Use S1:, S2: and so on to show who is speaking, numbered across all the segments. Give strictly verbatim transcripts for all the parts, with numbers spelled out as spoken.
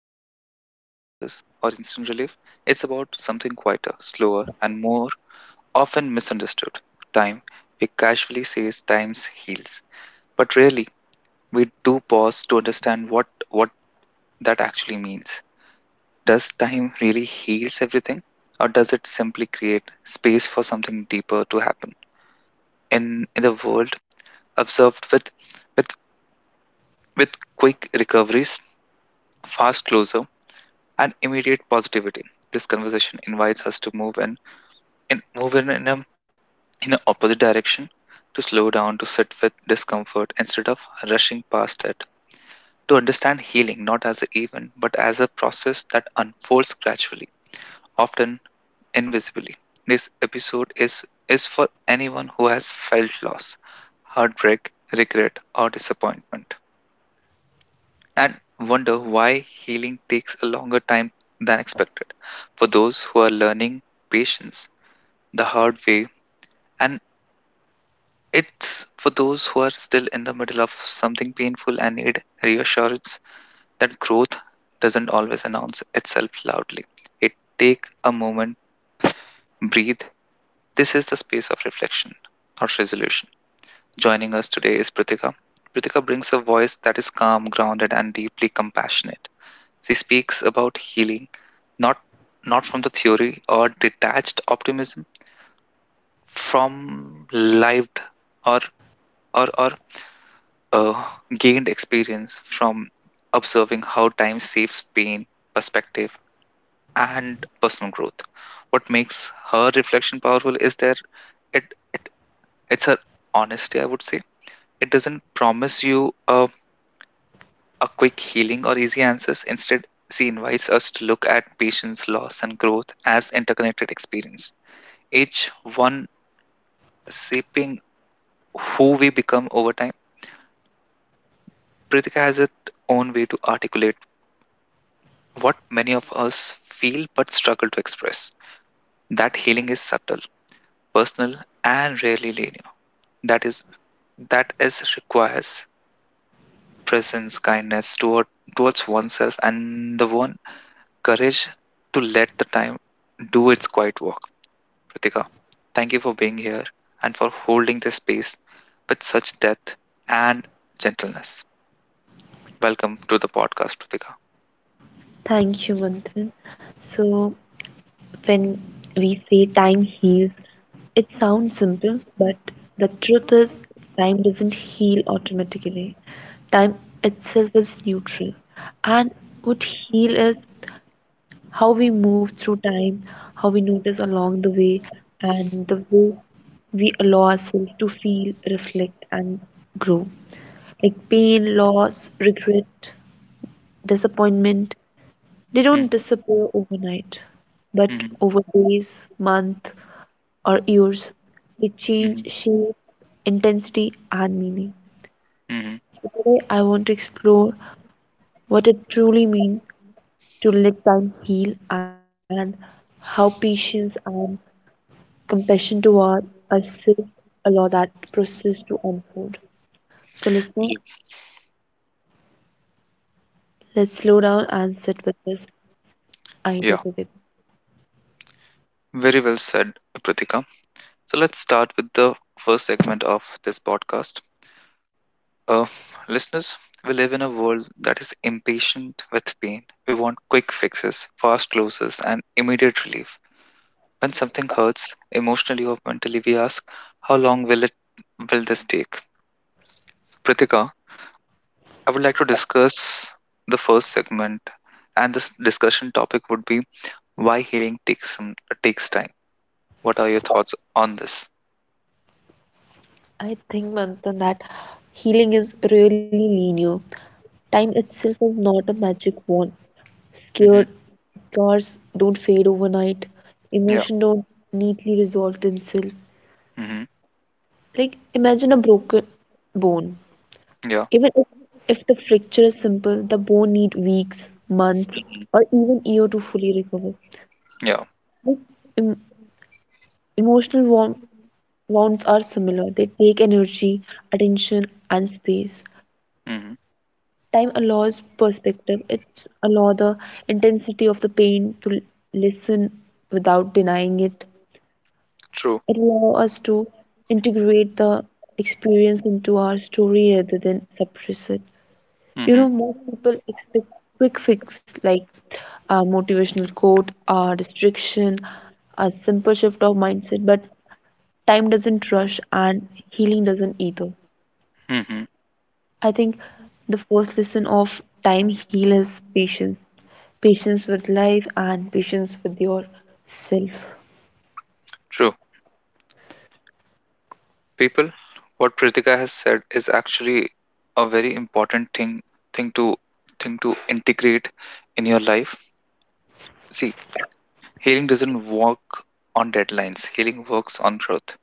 S1: not about quick answers or instant relief. It's about something quieter, slower, and more often misunderstood time. We casually say time heals, but rarely we do pause to understand what, what that actually means. Does time really heals everything, or does it simply create space for something deeper to happen? In, in the world observed with, with, with quick recoveries, fast closure, and immediate positivity. This conversation invites us to move in, in move in, in a in a opposite direction, to slow down, to sit with discomfort instead of rushing past it, to understand healing not as an event but as a process that unfolds gradually, often invisibly. This episode is is for anyone who has felt loss, heartbreak, regret, or disappointment and wonder why healing takes a longer time than expected. For those who are learning patience the hard way, and it's for those who are still in the middle of something painful and need reassurance that growth doesn't always announce itself loudly. It take a moment, breathe. This is the space of reflection, not resolution. Joining us today is Pritika. Pritika brings a voice that is calm, grounded, and deeply compassionate. She speaks about healing, not not from the theory or detached optimism, from lived or or or uh, gained experience from observing how time saves pain, perspective, and personal growth. What makes her reflection powerful is that it, it it's her honesty. I would say it doesn't promise you a a quick healing or easy answers. Instead, she invites us to look at patience, loss, and growth as interconnected experience, each one shaping who we become over time. Pritika has its own way to articulate what many of us feel but struggle to express. That healing is subtle, personal, and rarely linear. That is that is requires presence, kindness toward towards oneself, and the one courage to let the time do its quiet work. Pratika, thank you for being here and for holding this space with such depth and gentleness. Welcome to the podcast, Pratika.
S2: Thank you, Manthan. So, when we say time heals, it sounds simple, but the truth is, time doesn't heal automatically. Time itself is neutral. And what heal is how we move through time, how we notice along the way, and the way we allow ourselves to feel, reflect, and grow. Like pain, loss, regret, disappointment, they don't
S1: Hmm.
S2: disappear overnight, but
S1: Hmm.
S2: over days, months, or years, they
S1: Hmm.
S2: change shape, intensity, and meaning.
S1: Hmm.
S2: So today, I want to explore what it truly means to let time heal and how patience and compassion toward ourselves allow that process to unfold. So, listener,
S1: Yeah.
S2: let's slow down and sit with this idea
S1: Yeah,
S2: together.
S1: very well said, Pratika. So let's start with the first segment of this podcast. Uh, Listeners, we live in a world that is impatient with pain. We want quick fixes, fast closes, and immediate relief. When something hurts emotionally or mentally, we ask, how long will it will this take? Pritika, I would like to discuss the first segment, and this discussion topic would be why healing takes some takes time. What are your thoughts on this?
S2: I think, Manthan, that healing is really linear. Time itself is not a magic wand. Scared,
S1: Hmm.
S2: scars don't fade overnight.
S1: Yeah.
S2: Emotion don't neatly resolve themselves.
S1: Hmm.
S2: Like imagine a broken bone.
S1: Yeah.
S2: Even if, if the fracture is simple, the bone need weeks, months,
S1: Hmm.
S2: or even year to fully recover.
S1: Yeah.
S2: Like, em- emotional wound- wounds are similar. They take energy, attention, and space.
S1: Hmm.
S2: Time allows perspective. It's allow the intensity of the pain to l- listen without denying it.
S1: True.
S2: It allows us to integrate the experience into our story rather than suppress it. You
S1: Hmm.
S2: know, most people expect quick fix like a motivational quote, a restriction, a simple shift of mindset, but time doesn't rush and healing doesn't either.
S1: Hmm.
S2: I think the first lesson of time heal is patience. Patience with life and patience with yourself.
S1: True. People, what Pritika has said is actually a very important thing thing to thing to integrate in your life. See, healing doesn't work on deadlines. Healing works on growth.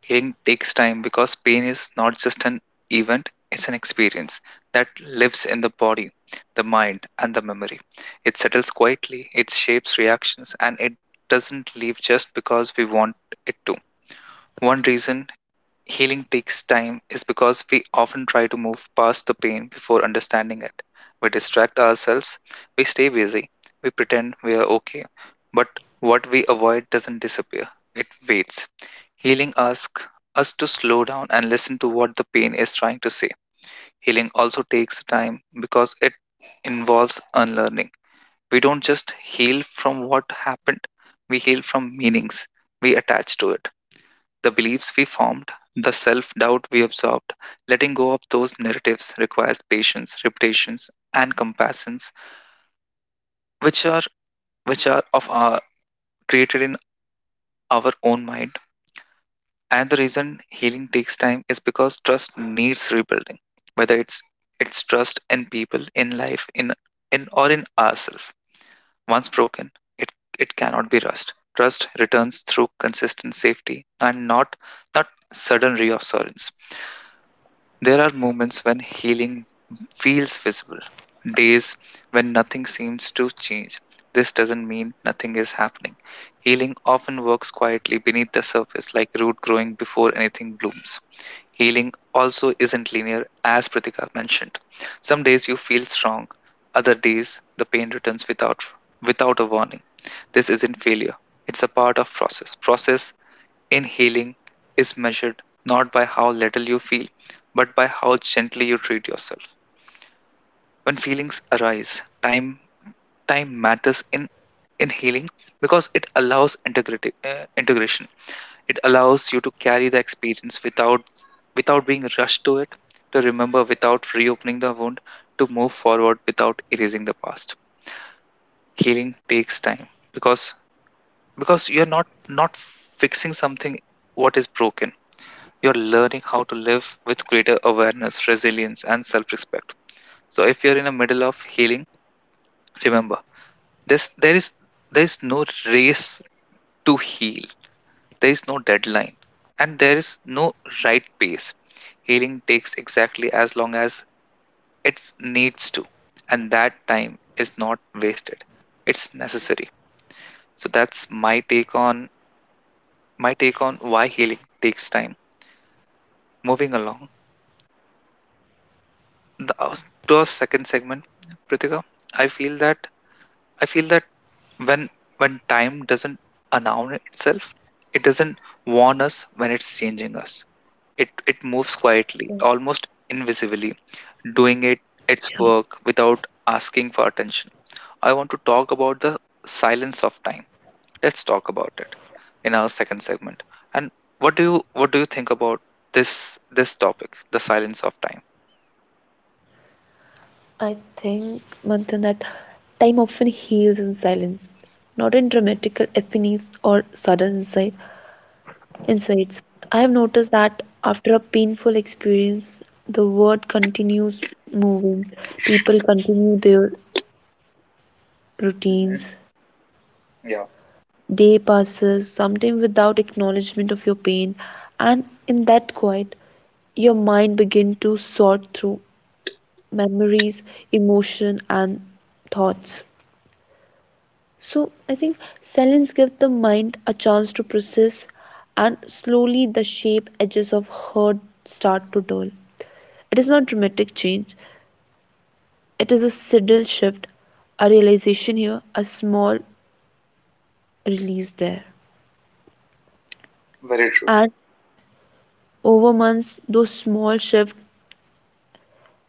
S1: Healing takes time because pain is not just an event, it's an experience that lives in the body, the mind, and the memory. It settles quietly, it shapes reactions, and it doesn't leave just because we want it to. One reason healing takes time is because we often try to move past the pain before understanding it. We distract ourselves, we stay busy, we pretend we are okay. But what we avoid doesn't disappear, it waits. Healing asks us to slow down and listen to what the pain is trying to say. Healing also takes time because it involves unlearning. We don't just heal from what happened, we heal from meanings we attach to it, the beliefs we formed, the self doubt we absorbed. Letting go of those narratives requires patience, reputations, and compassions, which are which are of our created in our own mind. And the reason healing takes time is because trust needs rebuilding, whether it's it's trust in people, in life, in in or in ourselves. Once broken, it it cannot be rushed. Trust returns through consistent safety and not not sudden reassurance. There are moments when healing feels visible, days when nothing seems to change. This doesn't mean nothing is happening. Healing often works quietly beneath the surface, like root growing before anything blooms. Healing also isn't linear, as Pratika mentioned. Some days you feel strong, other days the pain returns without without a warning. This isn't failure. It's a part of process. Process in healing is measured not by how little you feel, but by how gently you treat yourself. When feelings arise, time time matters in in healing because it allows integrity uh, integration. It allows you to carry the experience without without being rushed to it, to remember without reopening the wound, to move forward without erasing the past. Healing takes time because because you're not not fixing something what is broken, you're learning how to live with greater awareness, resilience, and self-respect. So if you're in the middle of healing, remember this: there is there is no race to heal, there is no deadline, and there is no right pace. Healing takes exactly as long as it needs to, and that time is not wasted. It's necessary. So that's my take on my take on why healing takes time. Moving along the, to our second segment, Pritika, I feel that I feel that when when time doesn't announce itself, it doesn't warn us when it's changing us. It it moves
S2: So
S1: quietly, almost invisibly, doing it its work without asking for attention. I want to talk about the silence of time. Let's talk about it in our second segment. And what do you what do you think about this this topic, the silence of time?
S2: I think, Manthan, that time often heals in silence, not in dramatical epiphanies or sudden insight, insights. I have noticed that after a painful experience, the world continues moving. People continue their
S1: Hmm.
S2: routines.
S1: Yeah,
S2: Day passes, sometimes without acknowledgement of your pain, and in that quiet, your mind begin to sort through memories, emotion, and thoughts. So I think silence gives the mind a chance to process, and slowly the shape edges of hurt start to dull. It is not dramatic change; it is a subtle shift, a realization here, a small release there.
S1: very true.
S2: And over months, those small shifts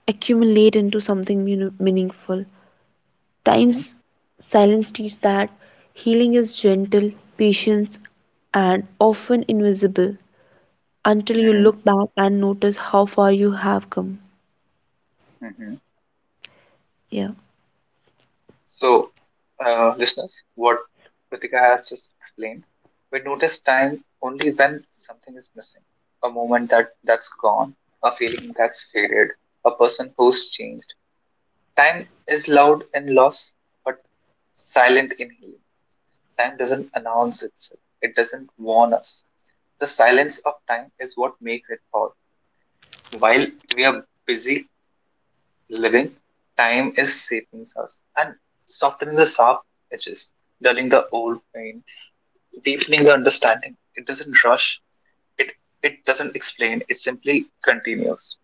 S2: accumulate into something mean- meaningful.
S1: Hmm.
S2: Times silence teaches that healing is gentle, patient, and often invisible until you
S1: Hmm.
S2: look back and notice how far you have come.
S1: Hmm.
S2: Yeah,
S1: So, uh, listeners, what Pratika has just explained, we notice time only when something is missing, a moment that that's gone, a feeling that's faded, a person who's changed. Time is loud in loss, but silent in healing. Time doesn't announce itself; it doesn't warn us. The silence of time is what makes it all. While we are busy living, time is shaping us and softening the sharp edges, dulling the old pain, deepening the understanding. It doesn't rush. It it doesn't explain. It simply continues.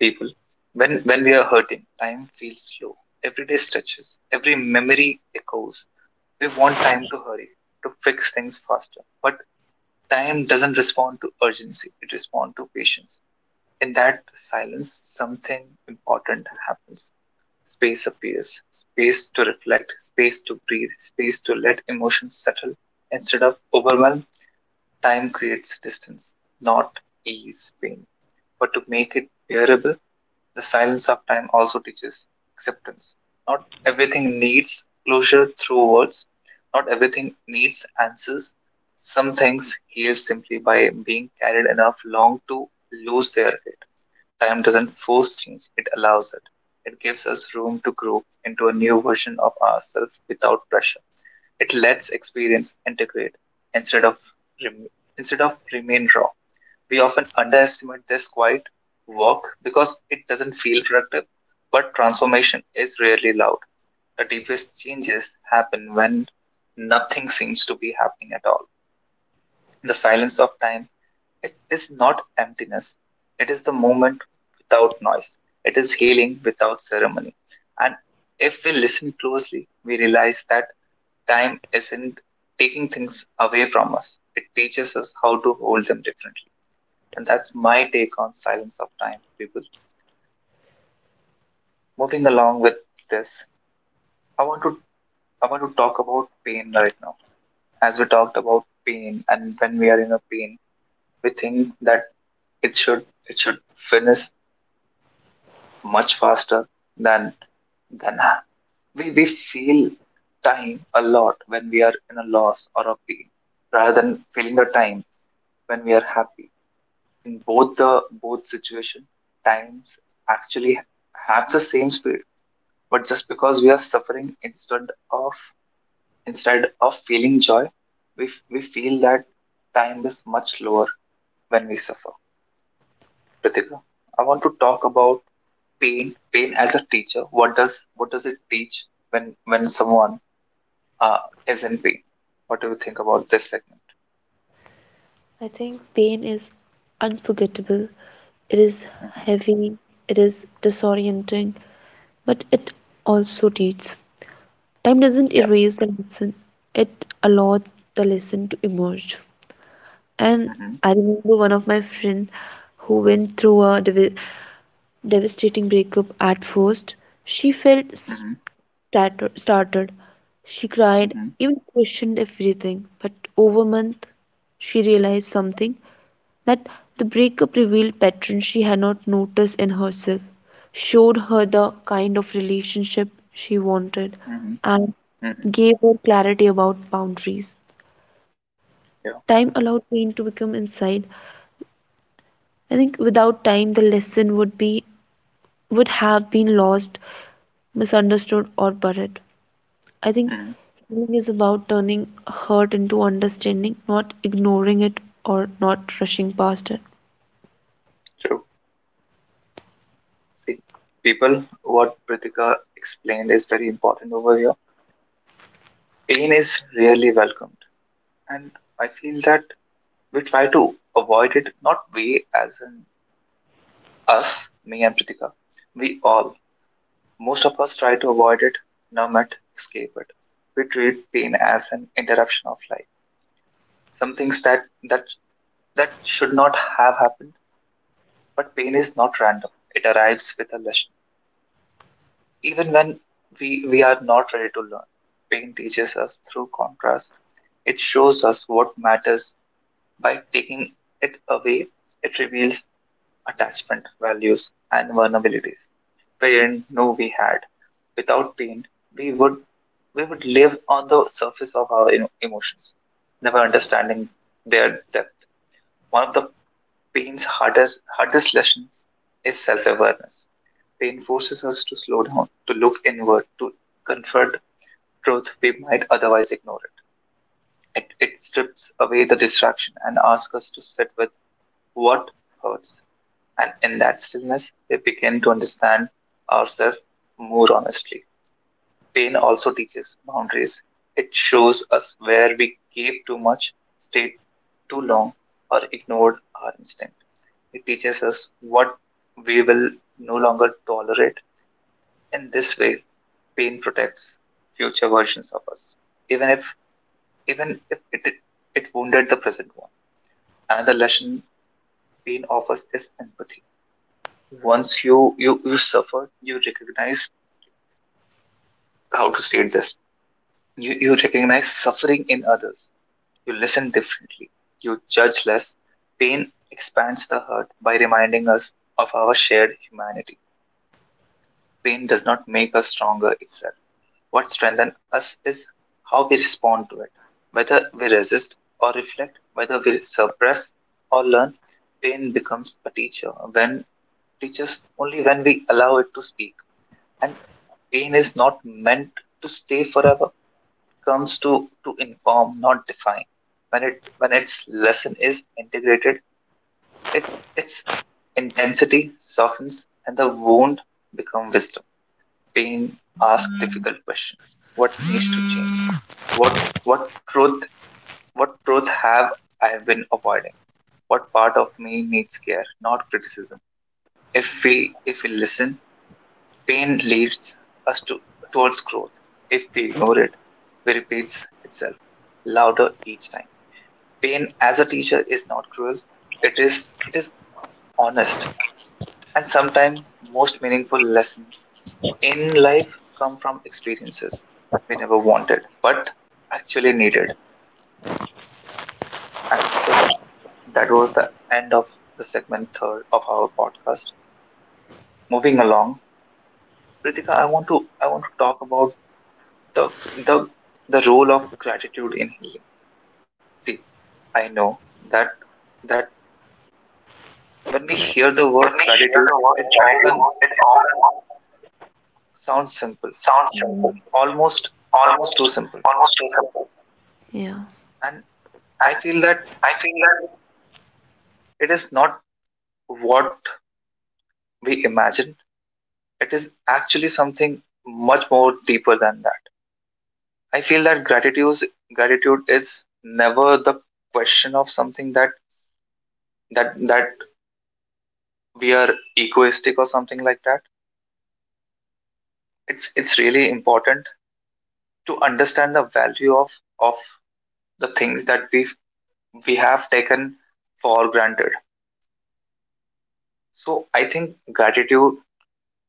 S1: People, when when we are hurting, time feels slow. Every day stretches. Every memory echoes. We want time to hurry, to fix things faster, but time doesn't respond to urgency. It responds to patience. In that silence, something important happens. Space appears, space to reflect, space to breathe, space to let emotions settle. Instead of overwhelm, time creates distance, not ease pain. But to make it bearable, the silence of time also teaches acceptance. Not everything needs closure through words, not everything needs answers. Some things heal simply by being carried enough long to lose their way. Time doesn't force change, it allows it. It gives us room to grow into a new version of ourselves without pressure. It lets experience integrate instead of rem- instead of remain raw. We often underestimate this quiet work because it doesn't feel productive, but transformation is rarely loud. The deepest changes happen when nothing seems to be happening at all. The silence of time, it is not emptiness. It is the moment without noise. It is healing without ceremony. And if we listen closely, we realize that time isn't taking things away from us. It teaches us how to hold them differently. And that's my take on silence of time, people. Moving along with this, I want to I want to talk about pain right now. As we talked about pain and when we are in a pain, we think that it should it should finish much faster than than we, we feel time a lot when we are in a loss or a pain rather than feeling the time when we are happy in both the both situation times actually have the same speed but just because we are suffering instead of instead of feeling joy we, f- we feel that time is much lower when we suffer. Ritika, I want to talk about pain pain as a teacher. What does what does it teach when when someone uh, is in pain? What do you think about this segment?
S2: I think pain is unforgettable. It is
S1: Hmm.
S2: heavy, it is disorienting, but it also teaches. Time doesn't
S1: Yeah.
S2: erase the lesson, it allows the lesson to emerge. And
S1: Hmm.
S2: I remember one of my friend who went through a dev- devastating breakup at first. She felt
S1: Hmm.
S2: starter- started. She cried,
S1: Hmm.
S2: even questioned everything. But over a month, she realized something that the breakup revealed patterns she had not noticed in herself, showed her the kind of relationship she wanted,
S1: Hmm.
S2: and
S1: Hmm.
S2: gave her clarity about boundaries.
S1: Yeah.
S2: Time allowed pain to become inside. I think without time, the lesson would be would have been lost, misunderstood, or buried. I think
S1: Hmm.
S2: healing is about turning hurt into understanding, not ignoring it or not rushing past it.
S1: True. See, people, what Pritika explained is very important over here. Pain is really welcomed, and I feel that we try to avoid it, not we as in us, me and Pritika, we all. Most of us try to avoid it, numb it, escape it. We treat pain as an interruption of life. Some things that that that should not have happened, but pain is not random. It arrives with a lesson. Even when we we are not ready to learn, pain teaches us through contrast. It shows us what matters by taking it away. It reveals attachment, values, and vulnerabilities. Pain, did we had, without pain, we would we would live on the surface of our emo- emotions, never understanding their depth. One of the pain's hardest hardest lessons is self-awareness. Pain forces us to slow down, to look inward, to confront truth we might otherwise ignore it. It, it strips away the distraction and asks us to sit with what hurts. And in that stillness, we begin to understand ourselves more honestly. Pain also teaches boundaries. It shows us where we gave too much, stayed too long, or ignored our instinct. It teaches us what we will no longer tolerate. In this way, pain protects future versions of us, even if even if it it wounded the present one. Another lesson pain offers is empathy. Once you you you suffer, you recognize how to state this. You you recognize suffering in others. You listen differently. You judge less. Pain expands the hurt by reminding us of our shared humanity. Pain does not make us stronger itself. What strengthens us is how we respond to it. Whether we resist or reflect, whether we suppress or learn, pain becomes a teacher when teaches only when we allow it to speak. And pain is not meant to stay forever. It comes to to inform, not define. When it when its lesson is integrated, It its intensity softens and the wound become wisdom. Pain asks difficult question. What needs to change? What what truth what truth have I been avoiding? What part of me needs care, not criticism? If we if we listen, pain leads us to towards growth. If we ignore it, it repeats itself louder each time. Pain as a teacher is not cruel. It is it is honest. And sometimes most meaningful lessons in life come from experiences we never wanted but actually needed. And people, that was the end of the segment third of our podcast. Moving along, Pritika, i want to i want to talk about the the the role of gratitude in healing. See, I know that that when we hear the
S2: When
S1: word
S2: we hear
S1: gratitude,
S2: the word
S1: it
S2: strategy,
S1: often
S2: it all
S1: sounds simple,
S2: sounds simple,
S1: almost almost
S2: almost
S1: too simple.
S2: almost too simple. Yeah.
S1: And I
S2: And
S1: feel that
S2: I feel that
S1: it is not what we imagine. It is actually something much more deeper than that. I feel that gratitude gratitude is never the question of something that that that we are egoistic or something like that. It's it's really important to understand the value of of the things that we we have taken for granted. So I think gratitude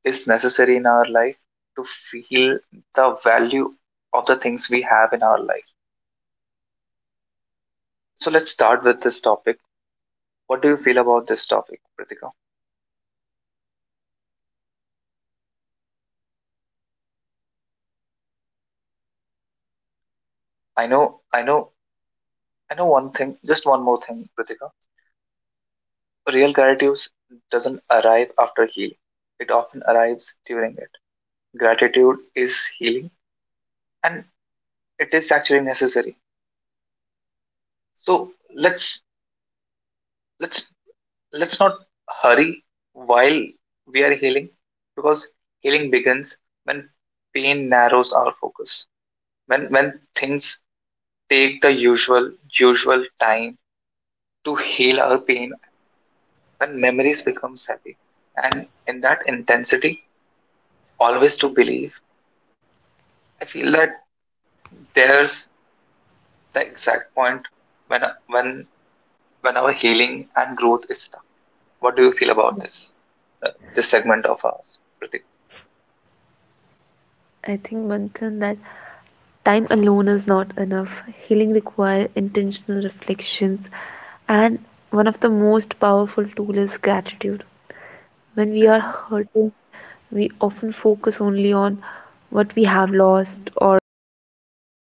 S1: is necessary in our life to feel the value of the things we have in our life. So let's start with this topic. What do you feel about this topic, Pratika? I know, I know, I know one thing, just one more thing, Pratika. Real gratitude doesn't arrive after healing, it often arrives during it. Gratitude is healing and it is actually necessary. So let's let's let's not hurry while we are healing, because healing begins when pain narrows our focus. When when things take the usual usual time to heal our pain, when memories becomes heavy and in that intensity always to believe, I feel that there's the exact point when when when our healing and growth is stuck. What do you feel about this uh, this segment of ours, Pratik?
S2: I think, Manthan, that time alone is not enough. Healing requires intentional reflections, and one of the most powerful tools is gratitude. When we are
S1: Mhm.
S2: hurting, we often focus only on what we have lost or